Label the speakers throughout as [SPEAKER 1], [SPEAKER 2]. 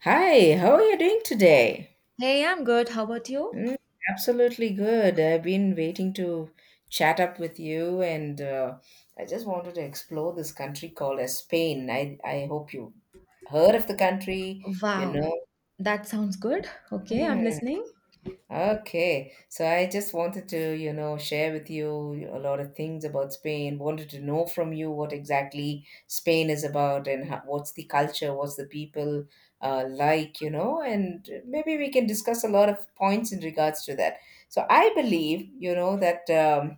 [SPEAKER 1] Hi, how are you doing today?
[SPEAKER 2] Hey, I'm good. How about you?
[SPEAKER 1] Mm, absolutely good. I've been waiting to chat up with you, and I just wanted to explore this country called as Spain. I hope you heard of the country, you
[SPEAKER 2] Wow,
[SPEAKER 1] know.
[SPEAKER 2] that sounds good. Okay, I'm
[SPEAKER 1] Hmm.
[SPEAKER 2] listening.
[SPEAKER 1] Okay, so I just wanted to, share with you a lot of things about Spain. Wanted to know from you what exactly Spain is about and how, what's the culture, what's the people like, and maybe we can discuss a lot of points in regards to that. So I believe, that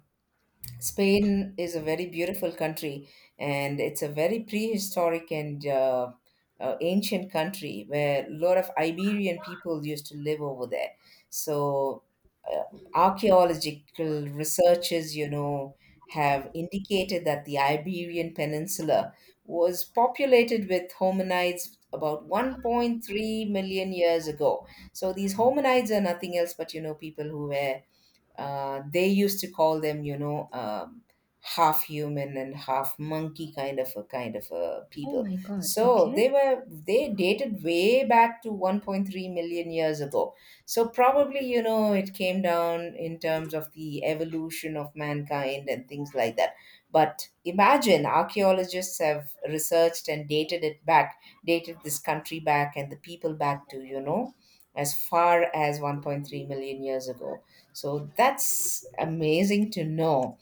[SPEAKER 1] Spain is a very beautiful country, and it's a very prehistoric and ancient country where a lot of Iberian people used to live over there. So, uh, archaeological researchers, have indicated that the Iberian Peninsula was populated with hominids about 1.3 million years ago. So, these hominids are nothing else but, people who were they used to call them, half human and half monkey kind of a
[SPEAKER 2] Oh
[SPEAKER 1] people.
[SPEAKER 2] my God.
[SPEAKER 1] So
[SPEAKER 2] Okay.
[SPEAKER 1] they dated way back to 1.3 million years ago. So probably it came down in terms of the evolution of mankind and things like that. But imagine archaeologists have researched and dated it back, dated this country back and the people back to as far as 1.3 million years ago. So that's amazing to know.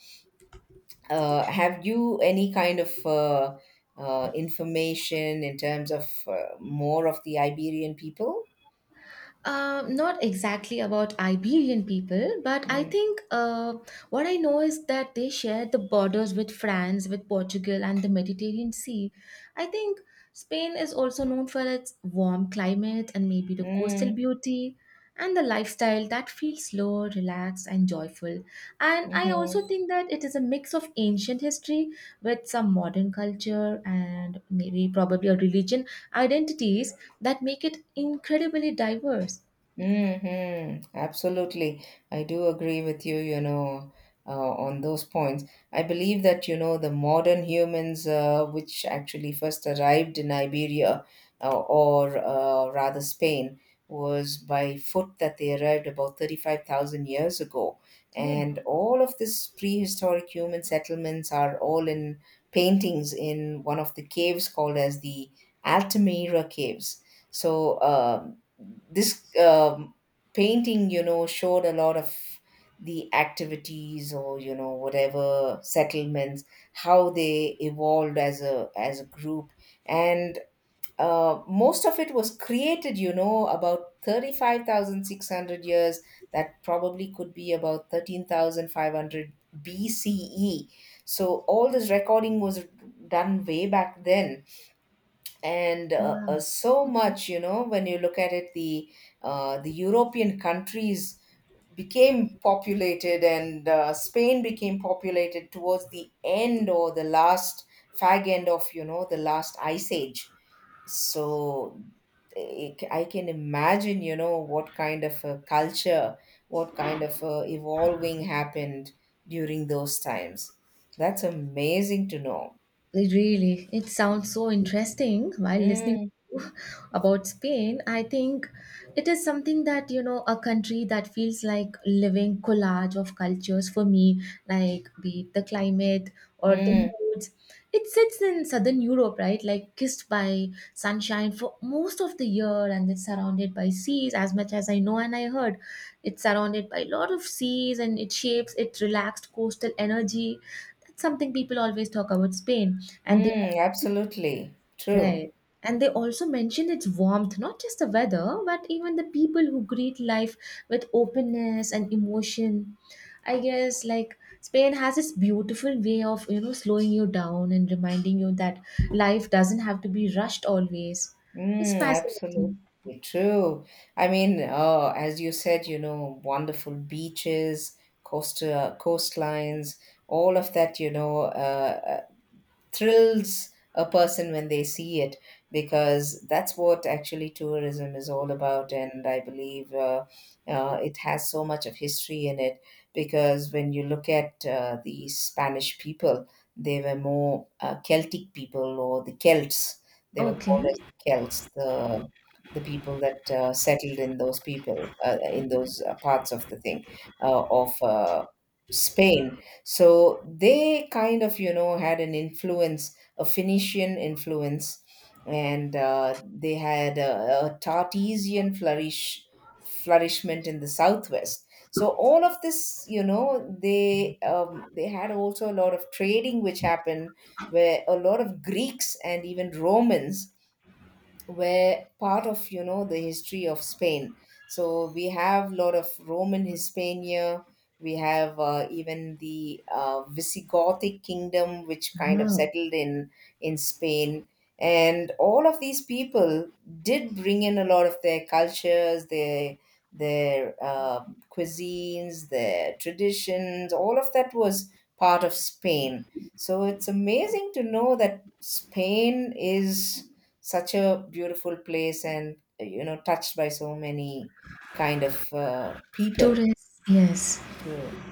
[SPEAKER 1] Have you any kind of information in terms of more of the Iberian people?
[SPEAKER 2] Not exactly about Iberian people, but I
[SPEAKER 1] Mm.
[SPEAKER 2] think what I know is that they share the borders with France, with Portugal, and the Mediterranean Sea. I think Spain is also known for its warm climate and maybe the coastal
[SPEAKER 1] Mm.
[SPEAKER 2] beauty and the lifestyle that feels slow, relaxed, and joyful. And I also
[SPEAKER 1] Mhm.
[SPEAKER 2] think that it is a mix of ancient history with some modern culture and maybe probably a religion identities that make it incredibly diverse.
[SPEAKER 1] Mm-hmm. Absolutely. I do agree with you, on those points. I believe that, the modern humans, which actually first arrived in Iberia or rather Spain, was by foot that they arrived about 35,000 years ago.
[SPEAKER 2] Oh,
[SPEAKER 1] And all of these prehistoric human settlements are all in paintings in one of the caves called as the Altamira Caves. So, this painting, showed a lot of the activities or whatever settlements, how they evolved as a group, and most of it was created about 35,600 years, that probably could be about 13,500 BCE. So all this recording was done way back then. And
[SPEAKER 2] wow.
[SPEAKER 1] so
[SPEAKER 2] Okay.
[SPEAKER 1] much, when you look at it, the European countries became populated, and Spain became populated towards the end or the last fag end of the last ice age. So I can imagine what kind of a culture, what kind of a evolving happened during those times. That's amazing to know.
[SPEAKER 2] It Really, it sounds so interesting while listening to
[SPEAKER 1] Mm,
[SPEAKER 2] you about Spain. I think it is something that, you know, a country that feels like living collage of cultures for me, like be it the climate or the
[SPEAKER 1] mm.
[SPEAKER 2] moods. It sits in southern Europe, right? Like kissed by sunshine for most of the year, and it's surrounded by seas as much as I know and I heard. It's surrounded by a lot of seas and it shapes its relaxed coastal energy. That's something people always talk about Spain. And they
[SPEAKER 1] Mm, absolutely true.
[SPEAKER 2] Right. And they also mention its warmth, not just the weather, but even the people who greet life with openness and emotion. I guess like Spain has this beautiful way of, you know, slowing you down and reminding you that life doesn't have to be rushed always. It's
[SPEAKER 1] Mm, absolutely
[SPEAKER 2] fascinating.
[SPEAKER 1] true. I mean, as you said, wonderful beaches, coastal coastlines, all of that, thrills a person when they see it, because that's what actually tourism is all about. And I believe it has so much of history in it, because when you look at the Spanish people, they were more Celtic people, or the Celts. They were
[SPEAKER 2] Okay.
[SPEAKER 1] called as the Celts, the people that settled in those people in those parts of the thing, of Spain. So they kind of had an influence a Phoenician influence. And they had a Tartesian flourishment in the southwest. So all of this, they had also a lot of trading which happened, where a lot of Greeks and even Romans were part of the history of Spain. So we have lot of Roman Hispania. We have even the Visigothic kingdom, which kind of
[SPEAKER 2] Wow.
[SPEAKER 1] settled in Spain, and all of these people did bring in a lot of their cultures, their cuisines, their traditions. All of that was part of Spain. So it's amazing to know that Spain is such a beautiful place and touched by so many kind of people
[SPEAKER 2] Tourists, yes.
[SPEAKER 1] too.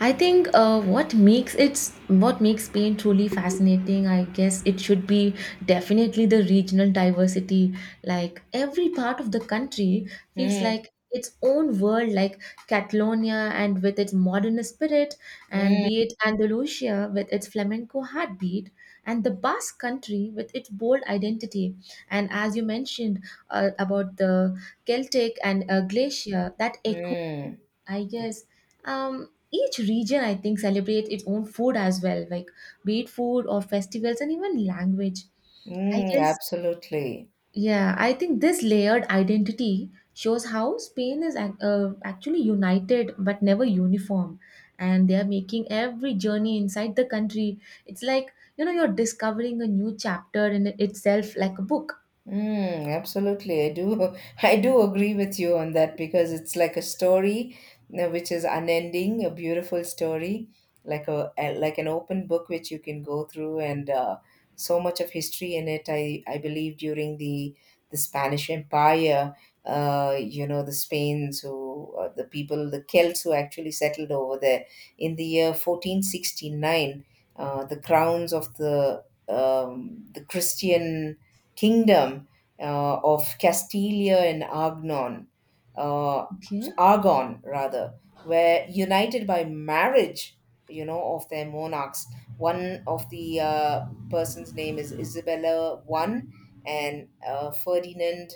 [SPEAKER 2] I think what makes Spain truly fascinating, I guess it should be definitely the regional diversity. Like every part of the country feels
[SPEAKER 1] Mm,
[SPEAKER 2] like its own world, like Catalonia and with its modern spirit, and
[SPEAKER 1] mm,
[SPEAKER 2] be it Andalusia with its flamenco heartbeat, and the Basque country with its bold identity. And as you mentioned about the Celtic and glacier, that
[SPEAKER 1] mm,
[SPEAKER 2] I guess each region I think celebrates its own food as well, like be it food or festivals and even language. I
[SPEAKER 1] mm,
[SPEAKER 2] guess
[SPEAKER 1] absolutely.
[SPEAKER 2] yeah, I think this layered identity shows how Spain is actually united but never uniform, and they are making every journey inside the country. It's like, you know, you're discovering a new chapter in itself, like a book.
[SPEAKER 1] Mm, absolutely. I do I do agree with you on that, because it's like a story which is unending, a beautiful story, like an open book which you can go through, and so much of history in it. I believe during the Spanish Empire, the people, the Celts who actually settled over there in the year 1469, the crowns of the Christian kingdom, of Castilia and Argon, uh,
[SPEAKER 2] Okay.
[SPEAKER 1] Argon rather, were united by marriage, of their monarchs. One of the person's name is Isabella I, and Ferdinand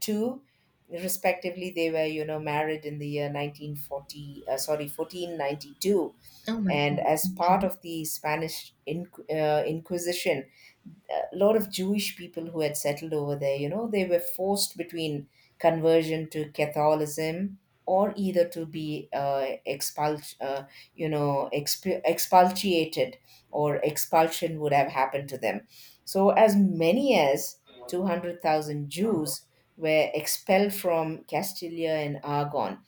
[SPEAKER 1] two, respectively. They were, married in the year 1492,
[SPEAKER 2] Oh my
[SPEAKER 1] and
[SPEAKER 2] God.
[SPEAKER 1] as part
[SPEAKER 2] Okay.
[SPEAKER 1] of the Spanish Inquisition, a lot of Jewish people who had settled over there, they were forced between conversion to Catholicism, or either to be expulsed, expulsated, or expulsion would have happened to them. So, as many as 200,000 Jews were expelled from Castilia and Aragon.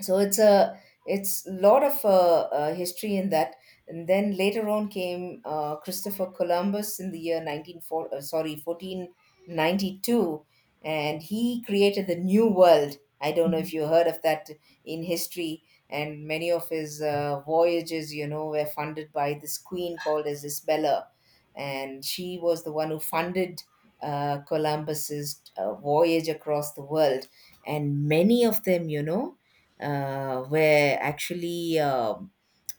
[SPEAKER 1] So it's lot of history in that. And then later on came Christopher Columbus in the year nineteen four sorry 1492, and he created the new world. I don't know
[SPEAKER 2] Mm-hmm.
[SPEAKER 1] if you heard of that in history. And many of his voyages were funded by this queen called as Isabella, and she was the one who funded Columbus's voyage across the world. And many of them, where actually,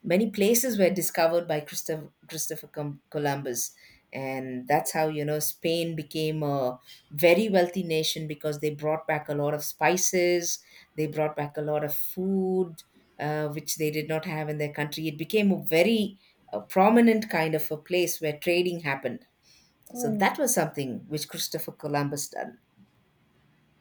[SPEAKER 1] many places were discovered by Christopher Columbus. And that's how, Spain became a very wealthy nation, because they brought back a lot of spices, they brought back a lot of food, which they did not have in their country. It became a very prominent kind of a place where trading happened. So
[SPEAKER 2] Oh.
[SPEAKER 1] that was something which Christopher Columbus done.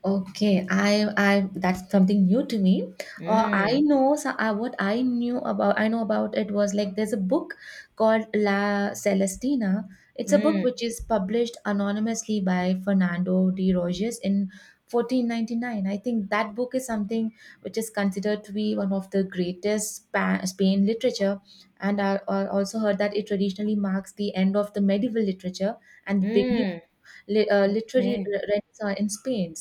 [SPEAKER 2] Okay, I that's something new to me. I
[SPEAKER 1] Mm,
[SPEAKER 2] know, so I, what I knew about I know about it was like there's a book called La Celestina. It's a book
[SPEAKER 1] mm,
[SPEAKER 2] which is published anonymously by Fernando de Roges in 1499. I think that book is something which is considered to be one of the greatest Spain literature, and I also heard that it traditionally marks the end of the medieval literature and the beginning
[SPEAKER 1] mm.
[SPEAKER 2] literary
[SPEAKER 1] Yeah.
[SPEAKER 2] renaissance in Spain.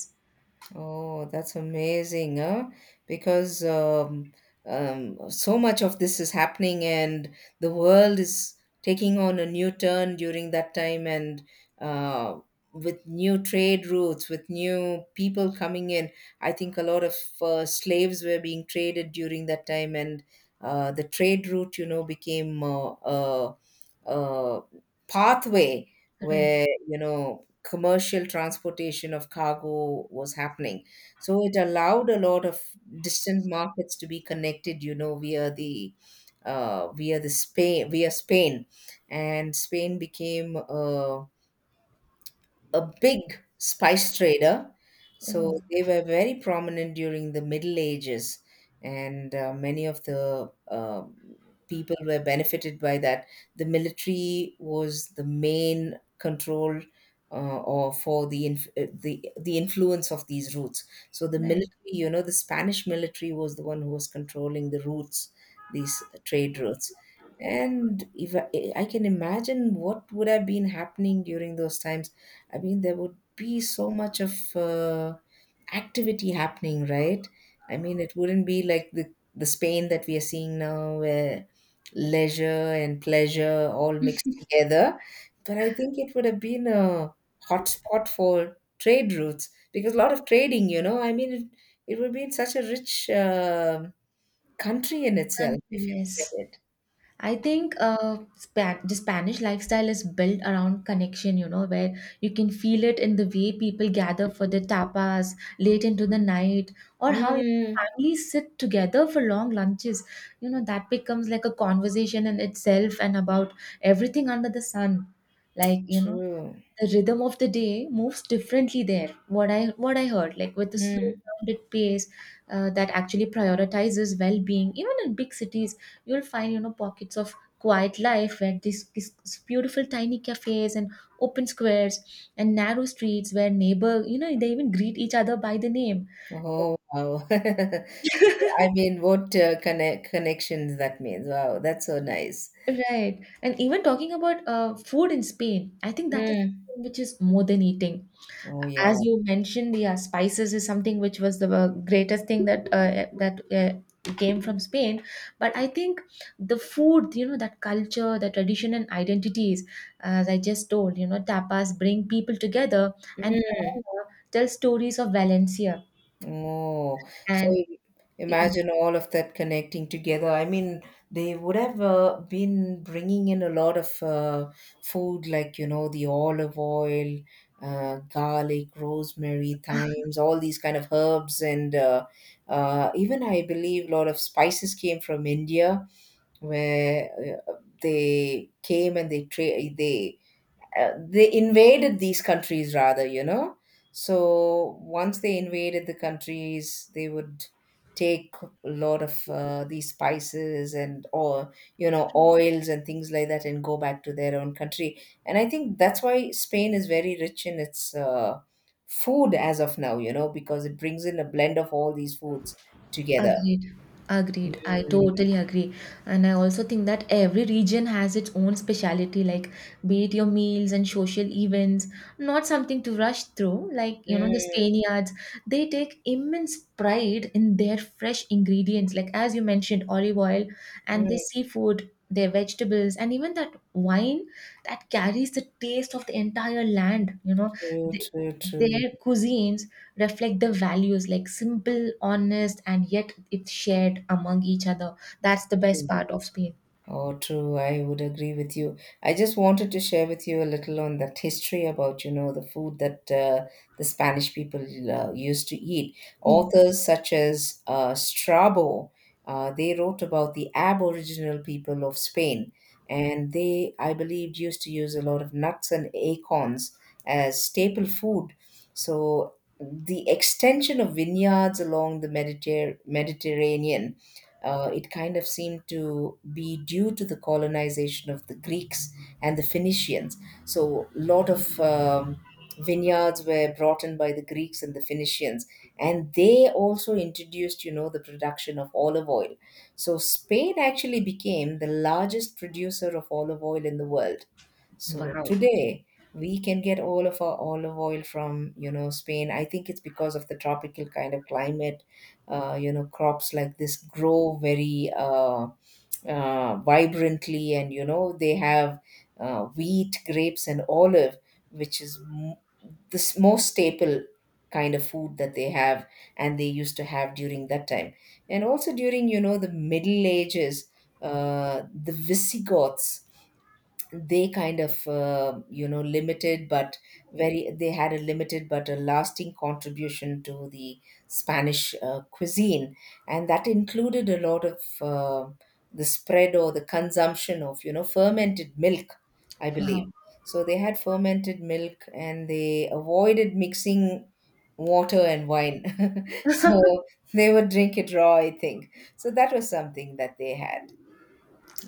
[SPEAKER 1] Oh, that's amazing, huh? Because so much of this is happening, and the world is taking on a new turn during that time, and uh, with new trade routes, with new people coming in. I think a lot of slaves were being traded during that time, and the trade route, became a pathway
[SPEAKER 2] Right.
[SPEAKER 1] where, commercial transportation of cargo was happening. So it allowed a lot of distant markets to be connected, via Spain, and Spain became a big spice trader.
[SPEAKER 2] Oh,
[SPEAKER 1] So they were very prominent during the Middle Ages, and many of the people were benefited by that. The military was the main control. Or for the the influence of these routes. So the military,
[SPEAKER 2] right.
[SPEAKER 1] the Spanish military was the one who was controlling the routes, these trade routes. And if I can imagine what would have been happening during those times. I mean, there would be so much of activity happening, right? I mean, it wouldn't be like the Spain that we are seeing now, where leisure and pleasure all mixed together. But I think it would have been a hotspot for trade routes, because a lot of trading, I mean, it would be such a rich country in itself
[SPEAKER 2] Country,
[SPEAKER 1] if you look
[SPEAKER 2] yes.
[SPEAKER 1] at it.
[SPEAKER 2] I think Spa the Spanish lifestyle is built around connection, you know, where you can feel it in the way people gather for the tapas late into the night, or how
[SPEAKER 1] Mm,
[SPEAKER 2] families sit together for long lunches. You know, that becomes like a conversation in itself and about everything under the sun. Like, you know,
[SPEAKER 1] true.
[SPEAKER 2] the rhythm of the day moves differently there, what I heard, like with a slow
[SPEAKER 1] Mm.
[SPEAKER 2] grounded pace that actually prioritizes well-being. Even in big cities, you'll find, you know, pockets of quiet life where these beautiful tiny cafes and open squares and narrow streets where neighbor, you know, they even greet each other by the name.
[SPEAKER 1] Oh, wow. I mean, what connections that means. Wow, that's so nice.
[SPEAKER 2] Right. And even talking about food in Spain, I think that is
[SPEAKER 1] Mm.
[SPEAKER 2] something which is more than eating.
[SPEAKER 1] Oh
[SPEAKER 2] As
[SPEAKER 1] yeah.
[SPEAKER 2] you mentioned, yeah, spices is something which was the greatest thing that came from Spain. But I think the food, you know, that culture, the tradition and identities, as I just told, you know, tapas bring people together and
[SPEAKER 1] Mm.
[SPEAKER 2] Tarazona tell stories of Valencia
[SPEAKER 1] Oh, so
[SPEAKER 2] and. Yeah,
[SPEAKER 1] imagine all of that connecting together. I mean, they would have been bringing in a lot of food, like, the olive oil, garlic, rosemary, thymes, all these kind of herbs. And even I believe a lot of spices came from India, where uh, they came and they tra- they invaded these countries, rather. So, once they invaded the countries, they would take a lot of these spices and or you know oils and things like that, and go back to their own country. And I think that's why Spain is very rich in its food as of now, because it brings in a blend of all these foods together.
[SPEAKER 2] agreed. Agreed. I
[SPEAKER 1] Mm,
[SPEAKER 2] totally agree. And I also think that every region has its own speciality, like be it your meals and social events, not something to rush through. Like, you know, the
[SPEAKER 1] mm,
[SPEAKER 2] Spaniards, they take immense pride in their fresh ingredients, like as you mentioned, olive oil and their
[SPEAKER 1] mm,
[SPEAKER 2] seafood, their vegetables, and even that wine that carries the taste of the entire land, you know.
[SPEAKER 1] true, true, true,
[SPEAKER 2] Their cuisines reflect the values like simple, honest, and yet it's shared among each other. That's the best
[SPEAKER 1] true.
[SPEAKER 2] part of Spain.
[SPEAKER 1] Oh, true. I would agree with you. I just wanted to share with you a little on that history about, the food that the Spanish people used to eat.
[SPEAKER 2] Yes.
[SPEAKER 1] Authors such as Strabo, they wrote about the Aboriginal people of Spain, and they, I believe, used to use a lot of nuts and acorns as staple food. So the extension of vineyards along the Mediterranean it kind of seemed to be due to the colonization of the Greeks and the Phoenicians. So, a lot of vineyards were brought in by the Greeks and the Phoenicians, and they also introduced, you know, the production of olive oil. So, Spain actually became the largest producer of olive oil in the world so
[SPEAKER 2] Wow.
[SPEAKER 1] today we can get all of our olive oil from, you know, Spain. I think it's because of the tropical kind of climate. You know, crops like this grow very vibrantly, and you know they have wheat, grapes, and olive, which is this most staple kind of food that they have, and they used to have during that time, and also during you know the Middle Ages, the Visigoths they kind of you know limited but very they had a limited but a lasting contribution to the Spanish cuisine, and that included a lot of the spread or the consumption of you know fermented milk I believe.
[SPEAKER 2] Wow.
[SPEAKER 1] So they had fermented milk and they avoided mixing water and wine so they would drink it raw I think, so that was something that they had.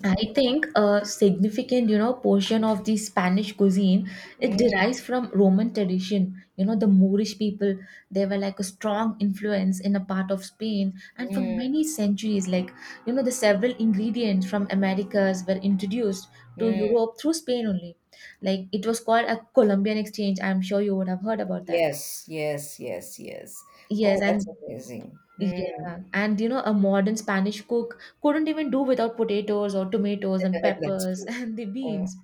[SPEAKER 2] I
[SPEAKER 1] Oh.
[SPEAKER 2] think a significant, you know, portion of the Spanish cuisine it
[SPEAKER 1] mm,
[SPEAKER 2] derives from Roman tradition. You know, the Moorish people, they were like a strong influence in a part of Spain, and for
[SPEAKER 1] mm,
[SPEAKER 2] many centuries, like, you know, the several ingredients from Americas were introduced to
[SPEAKER 1] mm.
[SPEAKER 2] Europe through Spain only. Like it was called a Columbian exchange. I'm sure you would have heard about that.
[SPEAKER 1] Yes, yes, yes, yes. Oh,
[SPEAKER 2] Yes,
[SPEAKER 1] that's
[SPEAKER 2] and
[SPEAKER 1] amazing. Hmm.
[SPEAKER 2] yeah, and you know, a modern Spanish cook couldn't even do without potatoes or tomatoes and
[SPEAKER 1] That's
[SPEAKER 2] peppers
[SPEAKER 1] true.
[SPEAKER 2] and the
[SPEAKER 1] Oh,
[SPEAKER 2] beans.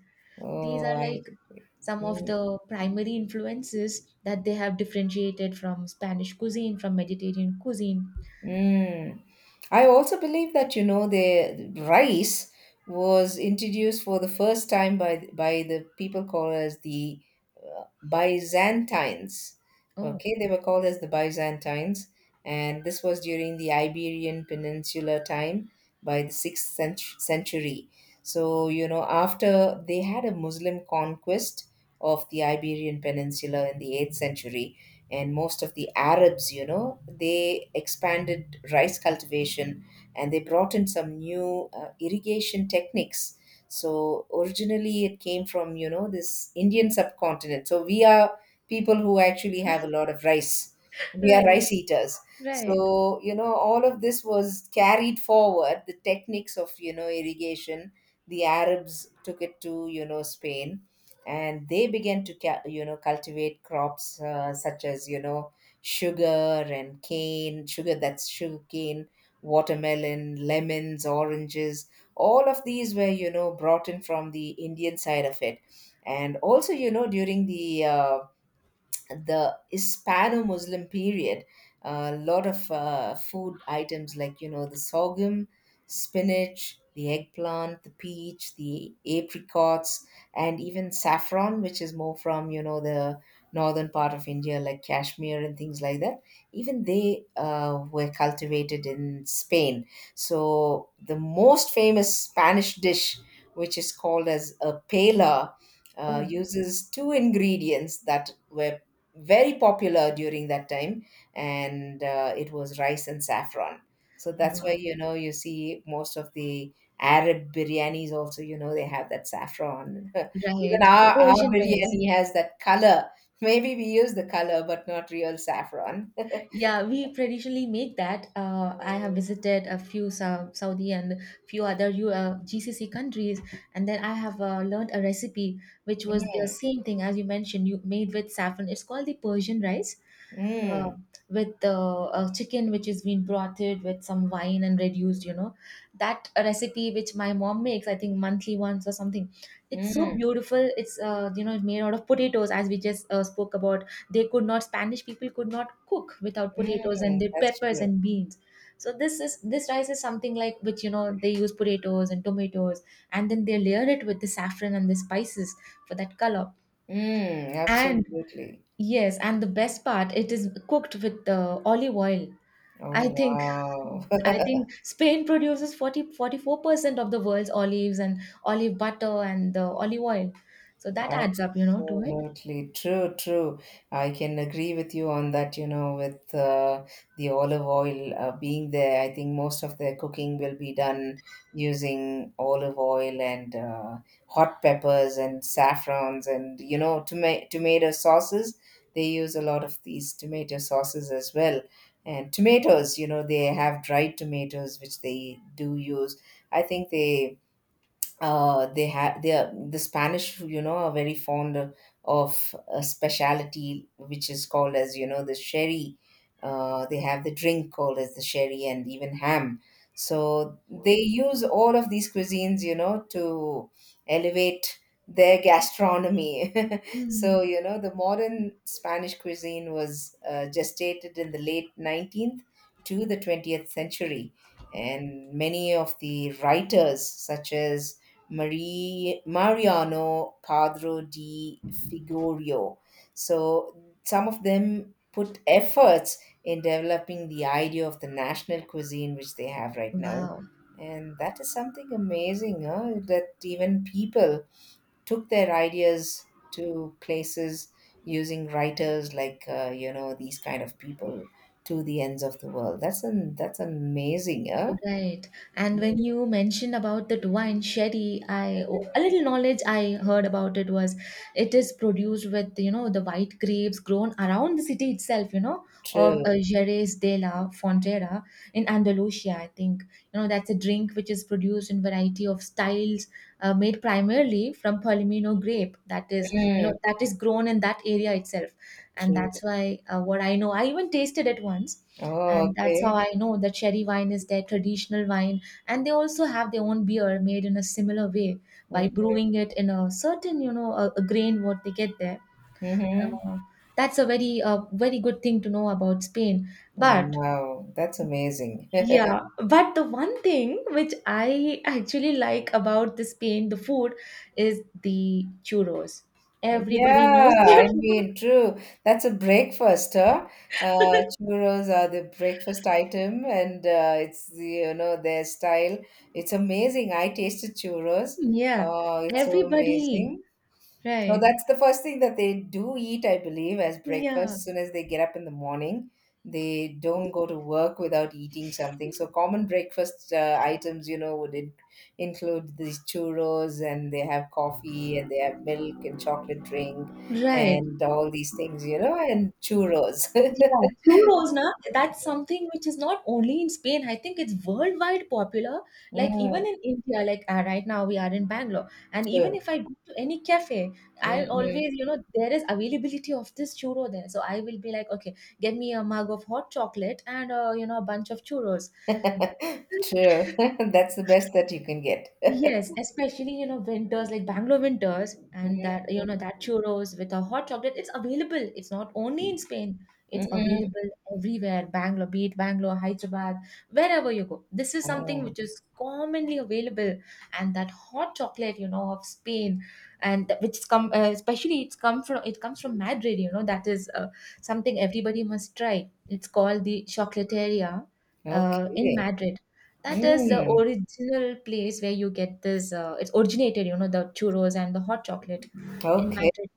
[SPEAKER 2] These
[SPEAKER 1] oh,
[SPEAKER 2] are
[SPEAKER 1] I
[SPEAKER 2] like
[SPEAKER 1] agree.
[SPEAKER 2] some of
[SPEAKER 1] Hmm.
[SPEAKER 2] the primary influences that they have differentiated from Spanish cuisine, from Mediterranean cuisine.
[SPEAKER 1] Mm. I also believe that you know the rice was introduced for the first time by the people called as the uh, Byzantines.
[SPEAKER 2] Oh,
[SPEAKER 1] Okay, they were called as the Byzantines, and this was during the Iberian Peninsula time by the sixth century. So you know after they had a Muslim conquest of the Iberian Peninsula in the eighth century, and most of the Arabs, you know, they expanded rice cultivation and they brought in some new irrigation techniques. So originally it came from, you know, this Indian subcontinent. So we are people who actually have a lot of rice. We are
[SPEAKER 2] right,
[SPEAKER 1] rice eaters.
[SPEAKER 2] right.
[SPEAKER 1] So, you know, all of this was carried forward, the techniques of, you know, irrigation. The Arabs took it to, you know, Spain and they began to you know cultivate crops such as you know sugar and cane sugar, that's sugar cane, watermelon, lemons, oranges, all of these were you know brought in from the Indian side of it, and also you know during the Hispano-Muslim period, a lot of food items like you know the sorghum, spinach, the eggplant, the peach, the apricots, and even saffron, which is more from you know the northern part of India, like Kashmir and things like that. Even they were cultivated in Spain. So the most famous Spanish dish, which is called as a paella
[SPEAKER 2] Oh,
[SPEAKER 1] uses two ingredients that were very popular during that time, and it was rice and saffron, so that's why
[SPEAKER 2] wow.
[SPEAKER 1] you know you see most of the Arab biryanis also you know they have that saffron even
[SPEAKER 2] Right, the
[SPEAKER 1] our
[SPEAKER 2] Persian rice.
[SPEAKER 1] biryani has that color, maybe we use the color but not real saffron.
[SPEAKER 2] Yeah, we traditionally make that. I have visited a few Saudi and few other GCC countries, and then I have learned a recipe which was the
[SPEAKER 1] Mm,
[SPEAKER 2] same thing as you mentioned. You made with saffron. It's called the Persian rice, uh,
[SPEAKER 1] mm,
[SPEAKER 2] with a chicken which is been brothed with some wine and reduced, you know, that recipe which my mom makes, I think, monthly once or something. It's so
[SPEAKER 1] mm,
[SPEAKER 2] beautiful. It's you know, it's made out of potatoes, as we just spoke about. They could not spanish people could not cook without potatoes and
[SPEAKER 1] mm,
[SPEAKER 2] their
[SPEAKER 1] that's
[SPEAKER 2] peppers
[SPEAKER 1] true.
[SPEAKER 2] and beans. So this rice is something like which, you know, they use potatoes and tomatoes and then they layer it with the saffron and the spices for that color.
[SPEAKER 1] Mm,
[SPEAKER 2] And
[SPEAKER 1] absolutely.
[SPEAKER 2] yes, and the best part, it is cooked with olive oil. I
[SPEAKER 1] Oh,
[SPEAKER 2] think
[SPEAKER 1] wow.
[SPEAKER 2] I think Spain produces forty four percent of the world's olives and olive butter and the olive oil. So that adds up, you know, to it.
[SPEAKER 1] Absolutely true, true. I can agree with you on that. You know, with the olive oil being there, I think most of the cooking will be done using olive oil and hot peppers and saffrons and, you know, tomato sauces. They use a lot of these tomato sauces as well. And tomatoes, you know, they have dried tomatoes, which they do use. I think they have they are, the Spanish, you know, are very fond of a specialty which is called as you know the sherry. They have the drink called as the sherry and even ham. So they use all of these cuisines, you know, to elevate their gastronomy. So
[SPEAKER 2] Mhm.
[SPEAKER 1] you know, the modern Spanish cuisine was gestated in the late 19th to the 20th century, and many of the writers, such as Mariano Padro di Figueroa. So some of them put efforts in developing the idea of the national cuisine which they have right now.
[SPEAKER 2] Wow.
[SPEAKER 1] And that is something amazing, huh? That even people took their ideas to places using writers like you know these kind of people to the ends of the world. That's amazing, huh?
[SPEAKER 2] Right. And when you mentioned about that wine sherry, I a little knowledge I heard about it was it is produced with, you know, the white grapes grown around the city itself, you know, of
[SPEAKER 1] True.
[SPEAKER 2] Jerez de la Frontera in Andalusia. I think, you know, that's a drink which is produced in variety of styles, made primarily from Palomino grape. That is, you know,
[SPEAKER 1] Mm,
[SPEAKER 2] that is grown in that area itself, and
[SPEAKER 1] true.
[SPEAKER 2] that's why what I know. I even tasted it once,
[SPEAKER 1] Oh,
[SPEAKER 2] and that's how
[SPEAKER 1] okay.
[SPEAKER 2] I know the cherry wine is their traditional wine. And they also have their own beer made in a similar way by
[SPEAKER 1] Mm-hmm.
[SPEAKER 2] brewing it in a certain, you know, a grain what they get there.
[SPEAKER 1] Mm-hmm.
[SPEAKER 2] Uh, that's a very, very good thing to know about Spain.
[SPEAKER 1] Oh,
[SPEAKER 2] But
[SPEAKER 1] wow, that's amazing.
[SPEAKER 2] yeah, but the one thing which I actually like about the Spain, the food, is the churros. Everybody knows
[SPEAKER 1] Yeah, I
[SPEAKER 2] churros.
[SPEAKER 1] mean, true. That's a breakfast, huh? Churros are the breakfast item, and it's the, you know their style. It's amazing. I tasted churros.
[SPEAKER 2] Yeah,
[SPEAKER 1] Oh, it's so
[SPEAKER 2] everybody.
[SPEAKER 1] amazing. So
[SPEAKER 2] Right.
[SPEAKER 1] that's the first thing that they do eat, I believe, as breakfast.
[SPEAKER 2] Yeah,
[SPEAKER 1] As soon as they get up in the morning, they don't go to work without eating something. So common breakfast items, you know, would include these churros, and they have coffee and they have milk and chocolate drink
[SPEAKER 2] right.
[SPEAKER 1] and all these things, you know, and churros.
[SPEAKER 2] Yeah, churros, na, that's something which is not only in Spain. I think it's worldwide popular. Like even
[SPEAKER 1] Mm,
[SPEAKER 2] in India, like right now we are in Bangalore, and even
[SPEAKER 1] true.
[SPEAKER 2] if I go to any cafe, I
[SPEAKER 1] Mm-mm.
[SPEAKER 2] always, you know, there is availability of this churro there. So I will be like, okay, get me a mug of hot chocolate and you know, a bunch of churros.
[SPEAKER 1] True. That's the best that you can get.
[SPEAKER 2] Yes, especially, you know, winters like Bangalore winters, and that, you know, that churros with a hot chocolate, it's available. It's not only in Spain; it's
[SPEAKER 1] Mm-mm.
[SPEAKER 2] available everywhere. Bangalore, be it Bangalore, Hyderabad, wherever you go, this is something
[SPEAKER 1] Oh,
[SPEAKER 2] which is commonly available. And that hot chocolate, you know, of Spain, and th- which is come especially it's come from it comes from Madrid. You know, that is something everybody must try. It's called the Chocolateria in
[SPEAKER 1] okay.
[SPEAKER 2] Madrid, that is the
[SPEAKER 1] Mm,
[SPEAKER 2] original place where you get this. It's originated, you know, the churros and the hot chocolate in
[SPEAKER 1] okay.
[SPEAKER 2] Madrid.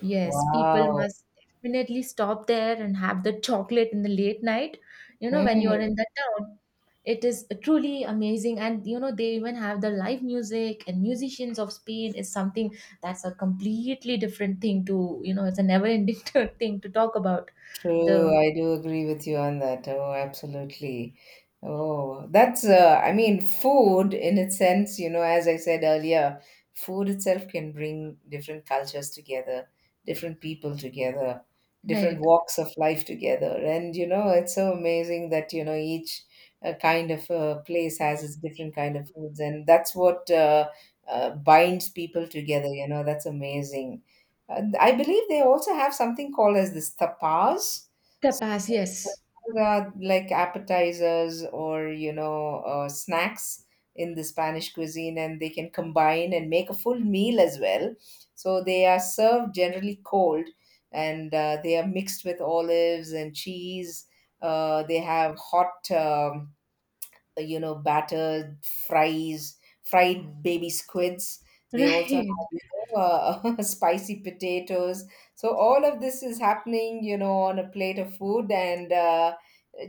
[SPEAKER 2] Yes, people
[SPEAKER 1] Wow.
[SPEAKER 2] must definitely stop there and have the chocolate in the late night. You know, when you are
[SPEAKER 1] Mm.
[SPEAKER 2] in the town, it is truly amazing. And, you know, they even have the live music, and musicians of Spain is something that's a completely different thing to, you know, it's a never-ending thing to talk about.
[SPEAKER 1] True,
[SPEAKER 2] The
[SPEAKER 1] I do agree with you on that. Oh, absolutely. Oh, that's, I mean, food in its sense, you know, as I said earlier, food itself can bring different cultures together, different people together, different
[SPEAKER 2] Right,
[SPEAKER 1] walks of life together. And, you know, it's so amazing that, you know, each kind of place has its different kind of foods. And that's what binds people together, you know, that's amazing. I believe they also have something called as this tapas, so,
[SPEAKER 2] tapas, yes,
[SPEAKER 1] like appetizers or you know snacks in the Spanish cuisine, and they can combine and make a full meal as well. So they are served generally cold, and they are mixed with olives and cheese. They have hot. You know, battered fries, fried baby squids, they also have
[SPEAKER 2] right.
[SPEAKER 1] you know spicy potatoes, so all of this is happening you know on a plate of food, and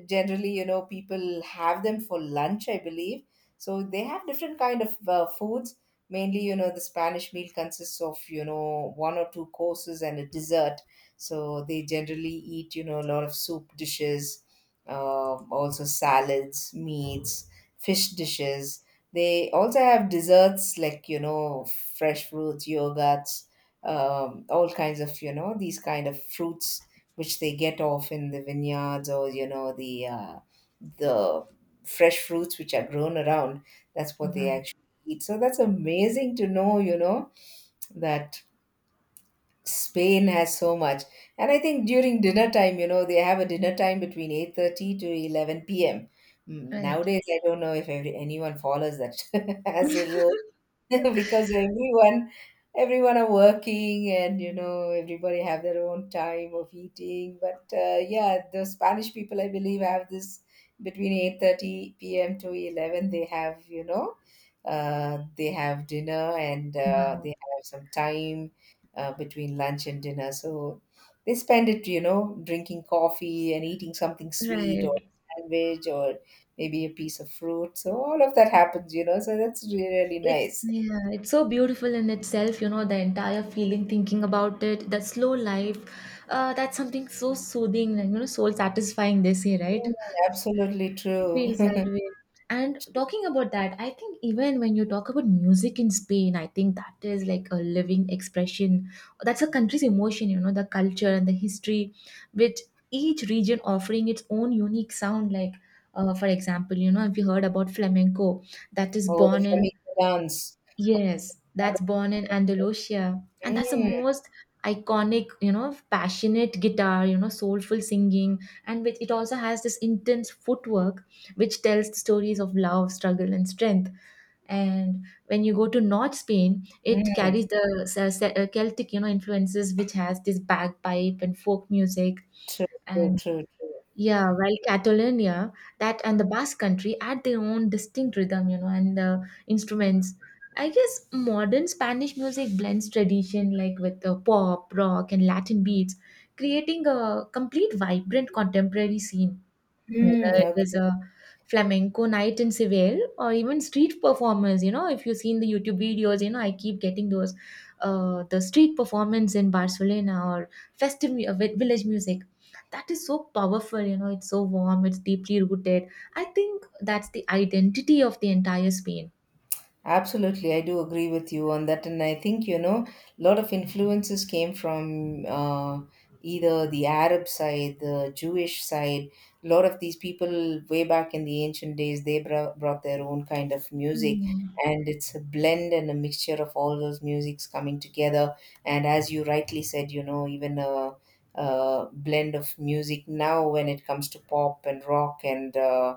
[SPEAKER 1] generally you know people have them for lunch I believe. So they have different kind of foods. Mainly you know the Spanish meal consists of you know one or two courses and a dessert, so they generally eat you know a lot of soup dishes, also salads, meats, fish dishes. They also have desserts like, you know, fresh fruits, yogurts, all kinds of, you know, these kind of fruits which they get off in the vineyards or, you know, the fresh fruits which are grown around. That's what they
[SPEAKER 2] Wow,
[SPEAKER 1] actually eat. So that's amazing to know, you know, that Spain has so much. And I think during dinner time, you know, they have a dinner time between 8:30 to 11 p.m. Mm,
[SPEAKER 2] right.
[SPEAKER 1] nowadays, I don't know if anyone follows that as a rule. Because everyone are working and you know everybody have their own time of eating, but yeah, the Spanish people I believe have this between 8:30 p.m. to 11 they have you know they have dinner, and they
[SPEAKER 2] Wow.
[SPEAKER 1] have some time between lunch and dinner, so they spend it you know drinking coffee and eating something sweet or
[SPEAKER 2] Right.
[SPEAKER 1] sandwich or maybe a piece of fruit, so all of that happens you know, so that's really
[SPEAKER 2] It's
[SPEAKER 1] nice.
[SPEAKER 2] Yeah, it's so beautiful in itself, you know, the entire feeling, thinking about it, the slow life. That's something so soothing and, you know, soul satisfying, they say, right?
[SPEAKER 1] Mm, absolutely true.
[SPEAKER 2] Feels that way. And talking about that, I think even when you talk about music in Spain, I think that is like a living expression. That's a country's emotion, you know, the culture and the history, with each region offering its own unique sound, like, for example, you know, if you heard about flamenco, that is
[SPEAKER 1] Oh, the
[SPEAKER 2] born in
[SPEAKER 1] flamenco dance.
[SPEAKER 2] Yes, that's born in Andalusia. And that's the
[SPEAKER 1] Mm,
[SPEAKER 2] most iconic, you know, passionate guitar, you know, soulful singing, and which it also has this intense footwork which tells the stories of love, struggle, and strength. And when you go to North Spain, it
[SPEAKER 1] mm,
[SPEAKER 2] carries the Celtic, you know, influences, which has this bagpipe and folk music.
[SPEAKER 1] true, true,
[SPEAKER 2] And
[SPEAKER 1] true, true.
[SPEAKER 2] yeah, while Catalonia, that and the Basque country had their own distinct rhythm, you know, and instruments. I guess modern Spanish music blends tradition like with pop, rock, and Latin beats, creating a complete vibrant contemporary scene,
[SPEAKER 1] Mm,
[SPEAKER 2] whether it is
[SPEAKER 1] okay.
[SPEAKER 2] a flamenco night in Seville or even street performers. You know, if you see in the YouTube videos, you know, I keep getting those, the street performance in Barcelona or festive village music. That is so powerful, you know, it's so warm, it's deeply rooted. I think that's the identity of the entire Spain.
[SPEAKER 1] Absolutely, I do agree with you on that, and I think you know a lot of influences came from either the Arab side, the Jewish side. A lot of these people, way back in the ancient days, they brought their own kind of music,
[SPEAKER 2] Hmm.
[SPEAKER 1] and it's a blend and a mixture of all those musics coming together. And as you rightly said, you know, even a blend of music now when it comes to pop and rock and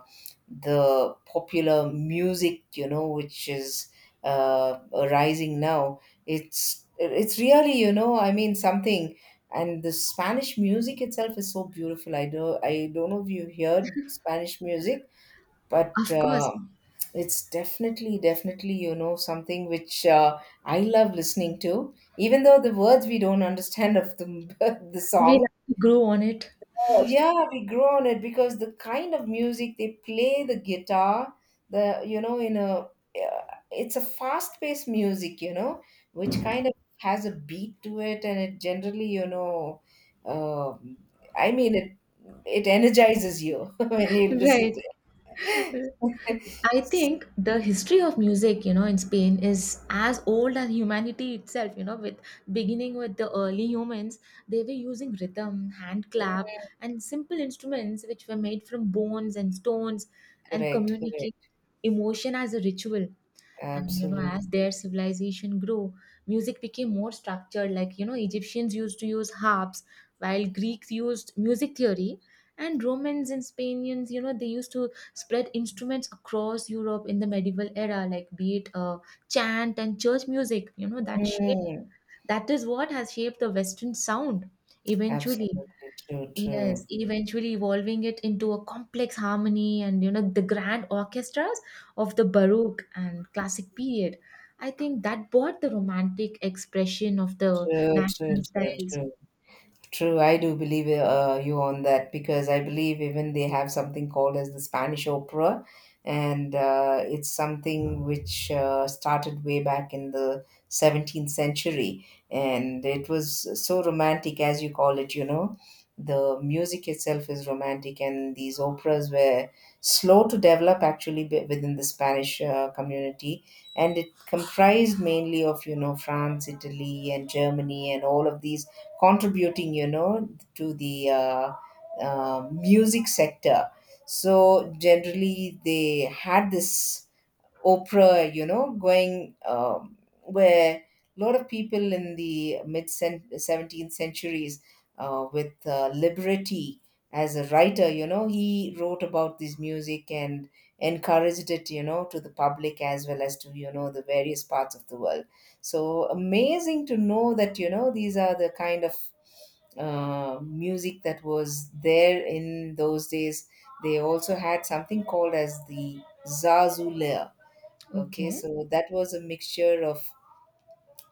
[SPEAKER 1] the popular music you know which is uh, rising now, it's really you know I mean something, and the Spanish music itself is so beautiful. I do, I don't know if you heard Spanish music, but
[SPEAKER 2] Of course,
[SPEAKER 1] it's definitely you know something which I love listening to, even though the words we don't understand of the the
[SPEAKER 2] we
[SPEAKER 1] song.
[SPEAKER 2] like to grow on it.
[SPEAKER 1] Oh, yeah, we grow on it because the kind of music they play, the guitar, the you know, in a uh, it's a fast-paced music, you know, which kind of has a beat to it, and it generally, you know, um I mean, it energizes you when you listen to
[SPEAKER 2] Right.
[SPEAKER 1] it.
[SPEAKER 2] I think the history of music, you know, in Spain is as old as humanity itself, you know, with beginning with the early humans. They were using rhythm, hand clap, and simple instruments which were made from bones and stones, and
[SPEAKER 1] Correct,
[SPEAKER 2] communicate
[SPEAKER 1] correct,
[SPEAKER 2] emotion as a ritual. And you know, as
[SPEAKER 1] absolutely.
[SPEAKER 2] their civilization grew, music became more structured, like, you know, Egyptians used to use harps, while Greeks used music theory, and Romans and Spaniards, you know, they used to spread instruments across Europe in the medieval era, like be it chant and church music. You know,
[SPEAKER 1] Mm,
[SPEAKER 2] that is what has shaped the Western sound eventually.
[SPEAKER 1] absolutely true,
[SPEAKER 2] Yes,
[SPEAKER 1] true,
[SPEAKER 2] eventually evolving it into a complex harmony, and you know, the grand orchestras of the Baroque and classic period. I think that brought the romantic expression of the
[SPEAKER 1] true, true,
[SPEAKER 2] national
[SPEAKER 1] true,
[SPEAKER 2] styles.
[SPEAKER 1] true. True, I do believe you on that because I believe even they have something called as the Spanish opera, and it's something which started way back in the 17th century, and it was so romantic as you call it. You know, the music itself is romantic, and these operas were slow to develop actually within the Spanish community, and it comprised mainly of France, Italy, and Germany, and all of these contributing to the music sector. So generally they had this Oprah, going where a lot of people in the mid 17th centuries, with Liberty as a writer, he wrote about this music and encouraged it, to the public as well as to, the various parts of the world. So amazing to know that, these are the kind of music that was there in those days. They also had something called as the Zazule. Okay,
[SPEAKER 2] Okay.
[SPEAKER 1] so that was a mixture of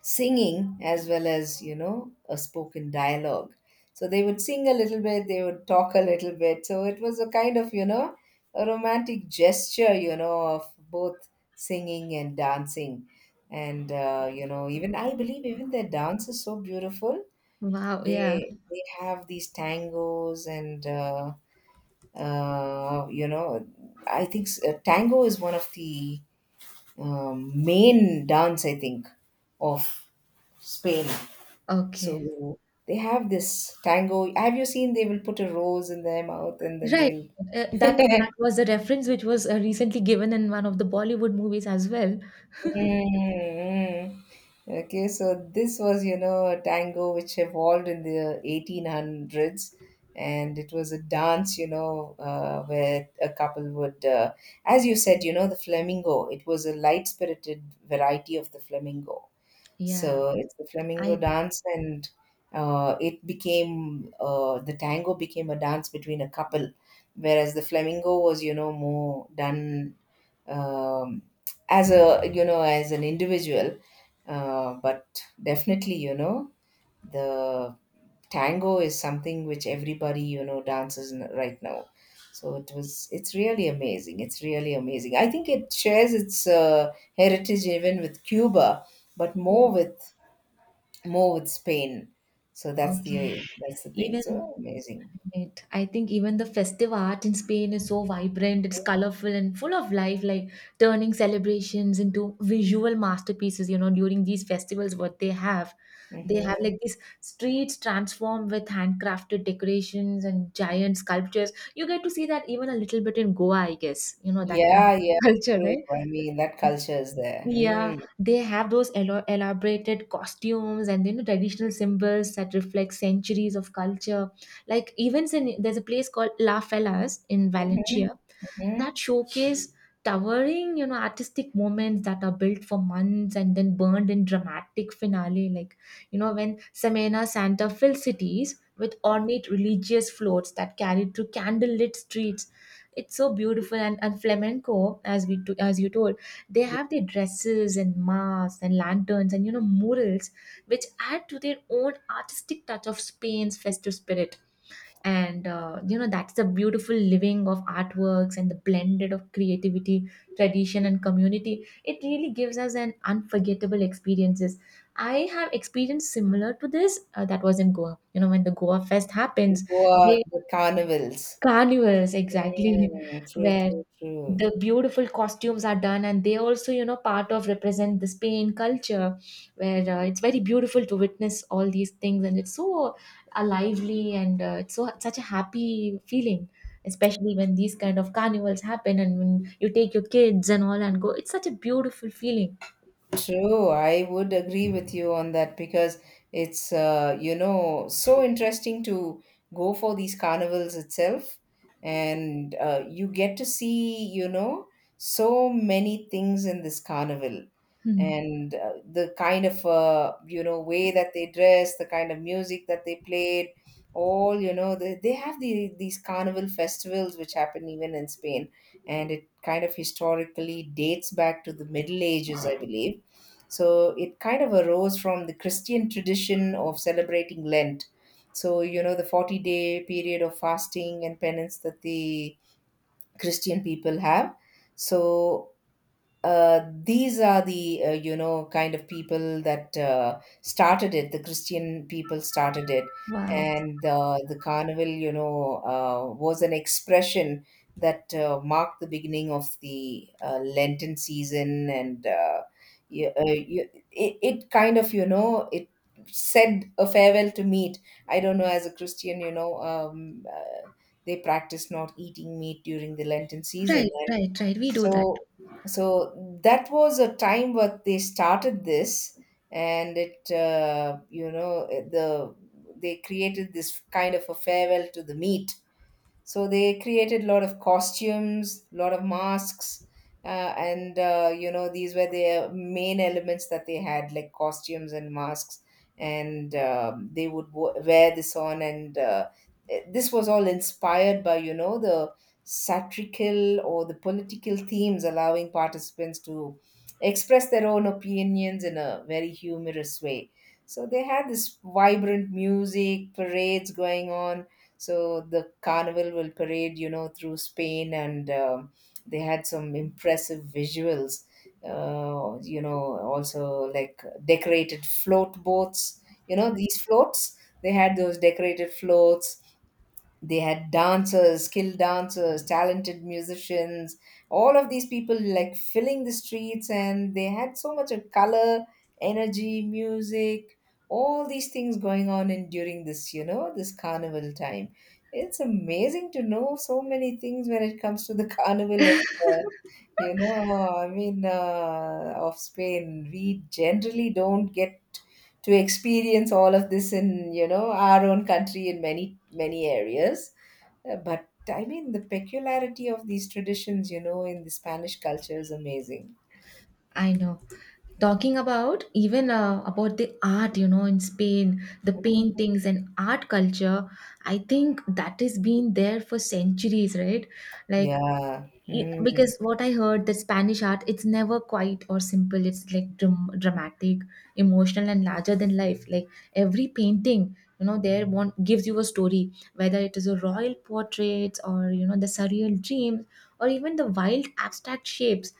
[SPEAKER 1] singing as well as, a spoken dialogue. So they would sing a little bit, they would talk a little bit. So it was a kind of, a romantic gesture, of both singing and dancing. And even I believe even their dance is so beautiful.
[SPEAKER 2] Wow, yeah.
[SPEAKER 1] They have these tangos and, uh, you know, I think tango is one of the main dance, I think, of Spain.
[SPEAKER 2] Okay.
[SPEAKER 1] So they have this tango. Have you seen they will put a rose in their mouth and then
[SPEAKER 2] Right.
[SPEAKER 1] they'll.
[SPEAKER 2] That was a reference which was recently given in one of the Bollywood movies as well.
[SPEAKER 1] Mm, mm. Okay, so this was, a tango which evolved in the 1800s. And it was a dance, where a couple would, as you said, the flamingo. It was a light spirited variety of the flamingo.
[SPEAKER 2] Yeah.
[SPEAKER 1] So it's the flamingo
[SPEAKER 2] I
[SPEAKER 1] dance, and it became the tango became a dance between a couple, whereas the flamingo was, more done um, as a, as an individual. But definitely, the tango is something which everybody, dances right now. It's really amazing. It's really amazing. I think it shares its heritage even with Cuba, but more
[SPEAKER 2] Oh,
[SPEAKER 1] with Spain. So
[SPEAKER 2] okay.
[SPEAKER 1] that's the thing.
[SPEAKER 2] Even
[SPEAKER 1] So amazing.
[SPEAKER 2] It. I think even the festive art in Spain is so vibrant, it's colorful and full of life, like turning celebrations into visual masterpieces. You know, during these festivals, they have
[SPEAKER 1] Hmm
[SPEAKER 2] like these streets transformed with handcrafted decorations and giant sculptures. You get to see that even a little bit in Goa, I guess, you know, that kind of
[SPEAKER 1] Yeah, yeah,
[SPEAKER 2] culture,
[SPEAKER 1] true.
[SPEAKER 2] right?
[SPEAKER 1] I mean, that culture is there.
[SPEAKER 2] Yeah,
[SPEAKER 1] Mm.
[SPEAKER 2] they have those elaborated costumes, and you know, traditional symbols that reflect centuries of culture. Like events in, there's a place called La Fellas in
[SPEAKER 1] hmm
[SPEAKER 2] Valencia,
[SPEAKER 1] hmm
[SPEAKER 2] that showcase towering, you know, artistic moments that are built for months and then burned in dramatic finale, like, you know, when Semena Santa fills cities with ornate religious floats that carried through candlelit streets. It's so beautiful. And flamenco, as you told, they
[SPEAKER 1] Yeah,
[SPEAKER 2] have their dresses and masks and lanterns and, you know, murals, which add to their own artistic touch of Spain's festive spirit. And you know, that's the beautiful living of artworks and the blended of creativity, tradition, and community. It really gives us an unforgettable experiences. I have experienced similar to this, that was in Goa, you know, when the Goa fest
[SPEAKER 1] the
[SPEAKER 2] happens.
[SPEAKER 1] Goa,
[SPEAKER 2] They
[SPEAKER 1] the carnivals.
[SPEAKER 2] Carnivals, exactly,
[SPEAKER 1] Mm, true,
[SPEAKER 2] where
[SPEAKER 1] true, true.
[SPEAKER 2] the beautiful costumes are done, and they also, you know, part of represent the Spain culture, where, it's very beautiful to witness all these things, and it's so, lively, and it's so such a happy feeling, especially when these kind of carnivals happen, and when you take your kids and all and go, it's such a beautiful feeling.
[SPEAKER 1] True, I would agree with you on that because it's so interesting to go for these carnivals itself, and you get to see so many things in this carnival,
[SPEAKER 2] Hmm.
[SPEAKER 1] and the kind of way that they dress, the kind of music that they played, all they have these carnival festivals which happen even in Spain, and it kind of historically dates back to the Middle Ages, I believe. So it kind of arose from the Christian tradition of celebrating Lent. So, the 40-day period of fasting and penance that the Christian people have. So, these are the kind of people that started it. The Christian people started it,
[SPEAKER 2] Wow.
[SPEAKER 1] and the carnival, was an expression that marked the beginning of the Lenten season, and it kind of it said a farewell to meat. I don't know, as a Christian, they practice not eating meat during the Lenten season,
[SPEAKER 2] Right,
[SPEAKER 1] and
[SPEAKER 2] right, right. We do that
[SPEAKER 1] so
[SPEAKER 2] too.
[SPEAKER 1] so that was a time where they started this, and it, the they created this kind of a farewell to the meat. So they created a lot of costumes, a lot of masks, uh, and these were their main elements that they had, like costumes and masks, and they would wear this on. And this was all inspired by the satirical or the political themes, allowing participants to express their own opinions in a very humorous way. So they had this vibrant music, parades going on. So the carnival will parade, through Spain, and they had some impressive visuals. Also like decorated float boats. You know, these floats. They had those decorated floats, they had dancers, skilled dancers, talented musicians, all of these people like filling the streets, and they had so much of color, energy, music, all these things going on in during this, this carnival time. It's amazing to know so many things when it comes to the carnival of uh, you know I mean, of Spain. We generally don't get to experience all of this in, our own country, in many many areas. But I mean, the peculiarity of these traditions, in the Spanish culture is amazing.
[SPEAKER 2] I know. Talking about even, about the art, you know, in Spain, the paintings and art culture, I think that has been there for centuries, right? Like,
[SPEAKER 1] Yeah. Mm.
[SPEAKER 2] Because what I heard, the Spanish art, it's never quiet or simple, it's like dramatic, emotional, and larger than life. Like every painting, you know, there one gives you a story, whether it is a royal portraits or, you know, the surreal dreams or even the wild abstract shapes.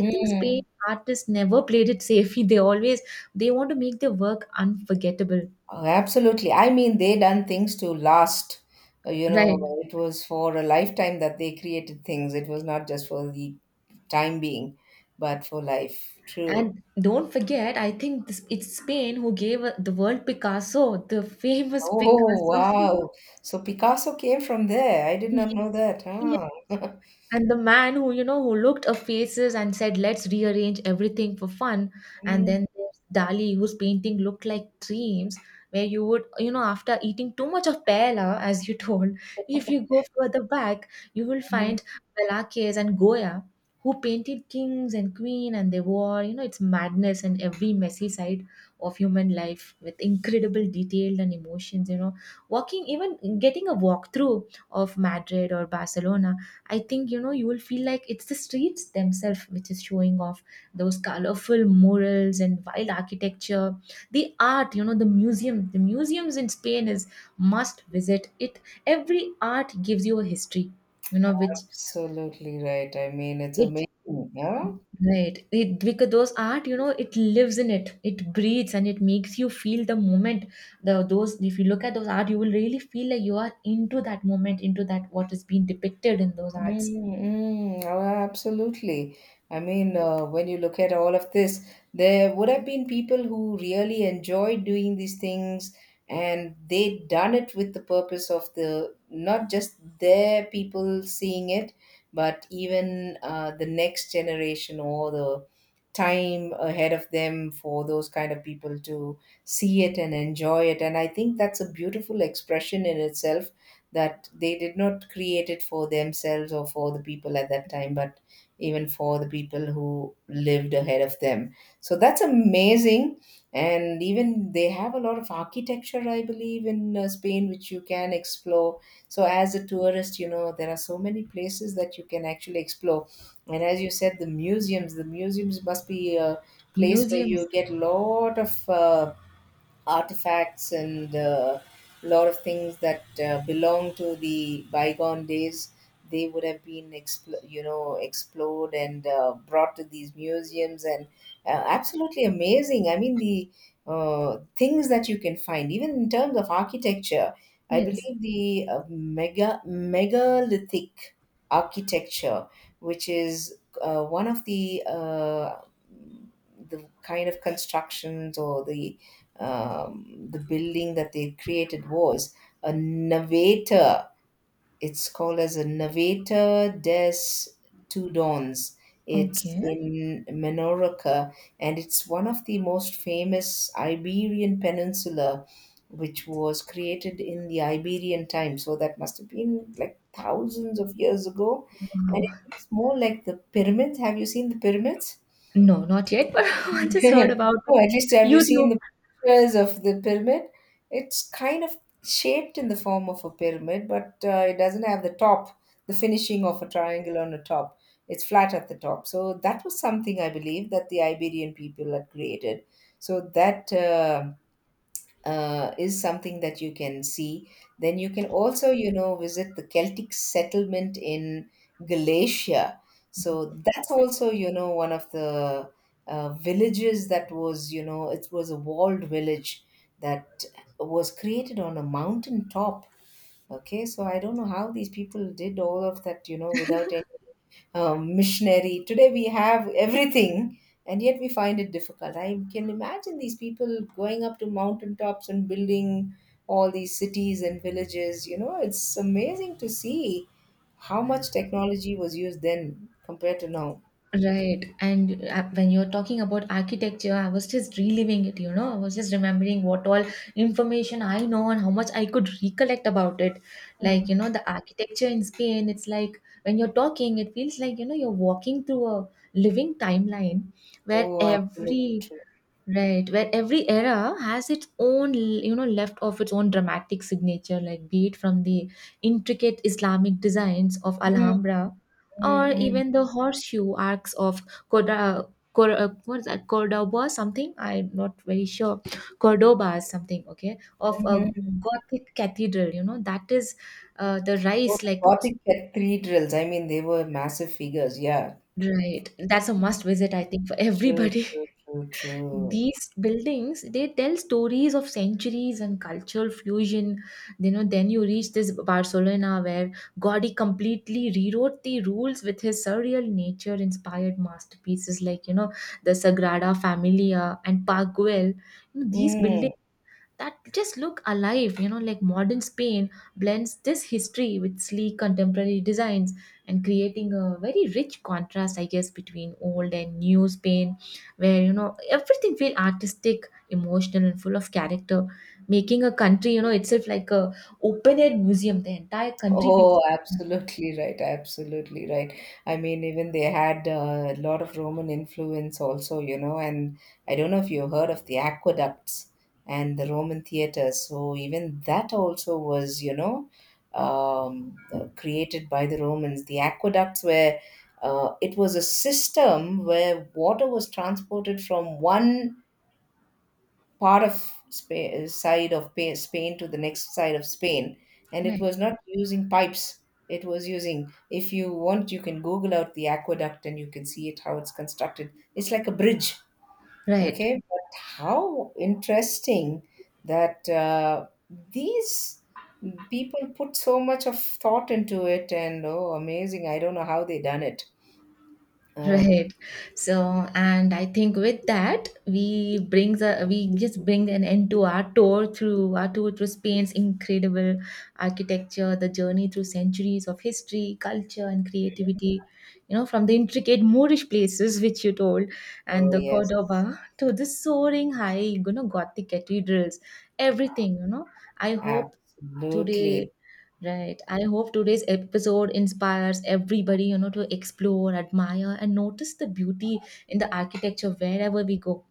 [SPEAKER 2] I think Spain artists never played it safe. They want to make their work unforgettable.
[SPEAKER 1] Oh, absolutely. I mean, they done things to last. You know,
[SPEAKER 2] Right.
[SPEAKER 1] it was for a lifetime that they created things. It was not just for the time being, but for life. True.
[SPEAKER 2] And don't forget, I think this, it's Spain who gave the world Picasso, the famous
[SPEAKER 1] Oh,
[SPEAKER 2] Picasso.
[SPEAKER 1] wow. So Picasso came from there. I did
[SPEAKER 2] 一
[SPEAKER 1] not know that.
[SPEAKER 2] 一
[SPEAKER 1] Huh?
[SPEAKER 2] And the man who, you know, who looked at faces and said, let's rearrange everything for fun. And
[SPEAKER 1] Mm,
[SPEAKER 2] then there's Dali, whose painting looked like dreams, where you would, you know, after eating too much of paella, as you told, if you go further back, you will
[SPEAKER 1] mm.
[SPEAKER 2] find Velázquez and Goya, who painted kings and queen, and they wore, you know, it's madness and every messy side of human life with incredible detail and emotions, you know, walking, even getting a walkthrough of Madrid or Barcelona. I think you know, you will feel like it's the streets themselves which is showing off those colorful murals and wild architecture. The art, you know, the museums in Spain is must visit. It Every art gives you a history, you know, which,
[SPEAKER 1] Absolutely right. I mean, it's
[SPEAKER 2] it
[SPEAKER 1] amazing. Yeah.
[SPEAKER 2] right, it because those art, you know, it lives in it, it breathes and it makes you feel the moment. The those If you look at those art, you will really feel like you are into that moment, into that what is being depicted in those
[SPEAKER 1] Mm,
[SPEAKER 2] arts.
[SPEAKER 1] mm, oh, absolutely. I mean, when you look at all of this, there would have been people who really enjoyed doing these things, and they done it with the purpose of the, not just their people seeing it, but even the next generation, or the time ahead of them, for those kind of people to see it and enjoy it. And I think that's a beautiful expression in itself, that they did not create it for themselves or for the people at that time, but even for the people who lived ahead of them. So that's amazing. And even they have a lot of architecture, I believe, in Spain, which you can explore. So, as a tourist, there are so many places that you can actually explore. And as you said, the museums must be a place where
[SPEAKER 2] Museums.
[SPEAKER 1] you get a lot of. Artifacts and a lot of things that belong to the bygone days. They would have been, explored and brought to these museums, and absolutely amazing. I mean, the things that you can find, even in terms of architecture. I
[SPEAKER 2] Yes.
[SPEAKER 1] believe the megalithic architecture, which is one of the kind of constructions, or the building that they created, was a Naveta. It's called as a Naveta des Tudons. It's
[SPEAKER 2] Okay.
[SPEAKER 1] in Menorca, and it's one of the most famous Iberian Peninsula, which was created in the Iberian time. So that must have been like thousands of years ago, and
[SPEAKER 2] Wow.
[SPEAKER 1] it looks more like the pyramids. Have you seen the pyramids?
[SPEAKER 2] No, not yet, but I just heard about
[SPEAKER 1] No, at least have you seen
[SPEAKER 2] YouTube.
[SPEAKER 1] the pictures of the pyramid? It's kind of shaped in the form of a pyramid, but it doesn't have the top, the finishing of a triangle on the top. It's flat at the top. So that was something I believe that the Iberian people had created. So that is something that you can see. Then you can also, visit the Celtic settlement in Galatia. So that's also, one of the villages that was, it was a walled village that was created on a mountain top. Okay, so I don't know how these people did all of that, without any missionary. Today we have everything, and yet we find it difficult. I can imagine these people going up to mountaintops and building all these cities and villages. You know, it's amazing to see how much technology was used then compared to now.
[SPEAKER 2] Right. And when you're talking about architecture, I was just reliving it, you know. I was just remembering what all information I know and how much I could recollect about it. Like, you
[SPEAKER 1] Mm.
[SPEAKER 2] know, the architecture in Spain, it's like when you're talking, it feels like, you know, you're walking through a living timeline where
[SPEAKER 1] Oh, absolutely
[SPEAKER 2] every
[SPEAKER 1] true.
[SPEAKER 2] Right, where every era has its own, you know, left of its own dramatic signature, like be it from the intricate Islamic designs of
[SPEAKER 1] Mm,
[SPEAKER 2] Alhambra,
[SPEAKER 1] mm,
[SPEAKER 2] or
[SPEAKER 1] mm,
[SPEAKER 2] even the horseshoe arcs of Corda, what is that, Cordoba, something? I'm not very sure. Cordoba, is something, okay, of a
[SPEAKER 1] mhm.
[SPEAKER 2] Gothic cathedral, you know, that is the
[SPEAKER 1] Oh,
[SPEAKER 2] rise,
[SPEAKER 1] the
[SPEAKER 2] like,
[SPEAKER 1] Gothic cathedrals. I mean, they were massive figures. Yeah,
[SPEAKER 2] right, that's a must visit, I think, for
[SPEAKER 1] true,
[SPEAKER 2] everybody.
[SPEAKER 1] true, true, true.
[SPEAKER 2] These buildings, they tell stories of centuries and cultural fusion. You know, then you reach this Barcelona where Gaudi completely rewrote the rules with his surreal nature inspired masterpieces, like, you know, the Sagrada Familia and Park Güell. You know, these
[SPEAKER 1] Mm.
[SPEAKER 2] buildings that just look alive, you know, like modern Spain blends this history with sleek contemporary designs, and creating a very rich contrast, I guess, between old and new Spain, where, you know, everything feel artistic, emotional, and full of character, making a country, you know, itself like a open air museum. The entire country feels.
[SPEAKER 1] Oh, absolutely right. Absolutely right. I mean, even they had a lot of Roman influence also, and I don't know if you heard of the aqueducts and the Roman theaters. So even that also was, created by the Romans. The aqueducts were, it was a system where water was transported from one part of side of Spain to the next side of Spain, and it
[SPEAKER 2] Right.
[SPEAKER 1] was not using pipes. It was using, if you want, you can Google out the aqueduct and you can see it how it's constructed. It's like a bridge,
[SPEAKER 2] Right.
[SPEAKER 1] okay? But how interesting that these people put so much of thought into it, and oh, amazing! I don't know how they done it. Oh,
[SPEAKER 2] Right. So, and I think with that, we just bring an end to our tour through Spain's incredible architecture, the journey through centuries of history, culture, and creativity. You know, from the intricate Moorish places which you told, and
[SPEAKER 1] oh
[SPEAKER 2] the
[SPEAKER 1] yes,
[SPEAKER 2] Cordoba to the soaring high, you know, Gothic cathedrals, everything. You know, I hope today
[SPEAKER 1] absolutely.
[SPEAKER 2] right, I hope today's episode inspires everybody, you know, to explore, admire, and notice the beauty in the architecture wherever we go.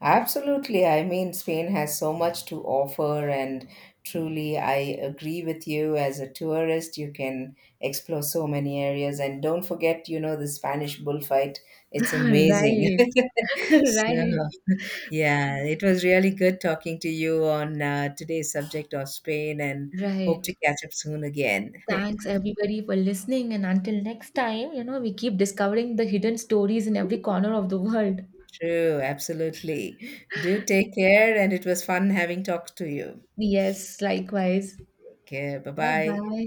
[SPEAKER 1] Absolutely. I mean, Spain has so much to offer, and truly, I agree with you. As a tourist, you can explore so many areas. And don't forget, the Spanish bullfight. It's amazing.
[SPEAKER 2] Right.
[SPEAKER 1] So,
[SPEAKER 2] Right,
[SPEAKER 1] yeah, it was really good talking to you on today's subject of Spain, and hope
[SPEAKER 2] right,
[SPEAKER 1] to catch up soon again.
[SPEAKER 2] thanks everybody for listening, and until next time, you know, we keep discovering the hidden stories in every corner of the world.
[SPEAKER 1] True, absolutely. Do take care, and it was fun having talked to you.
[SPEAKER 2] Yes, likewise.
[SPEAKER 1] Okay, bye
[SPEAKER 2] Bye
[SPEAKER 1] bye.
[SPEAKER 2] bye.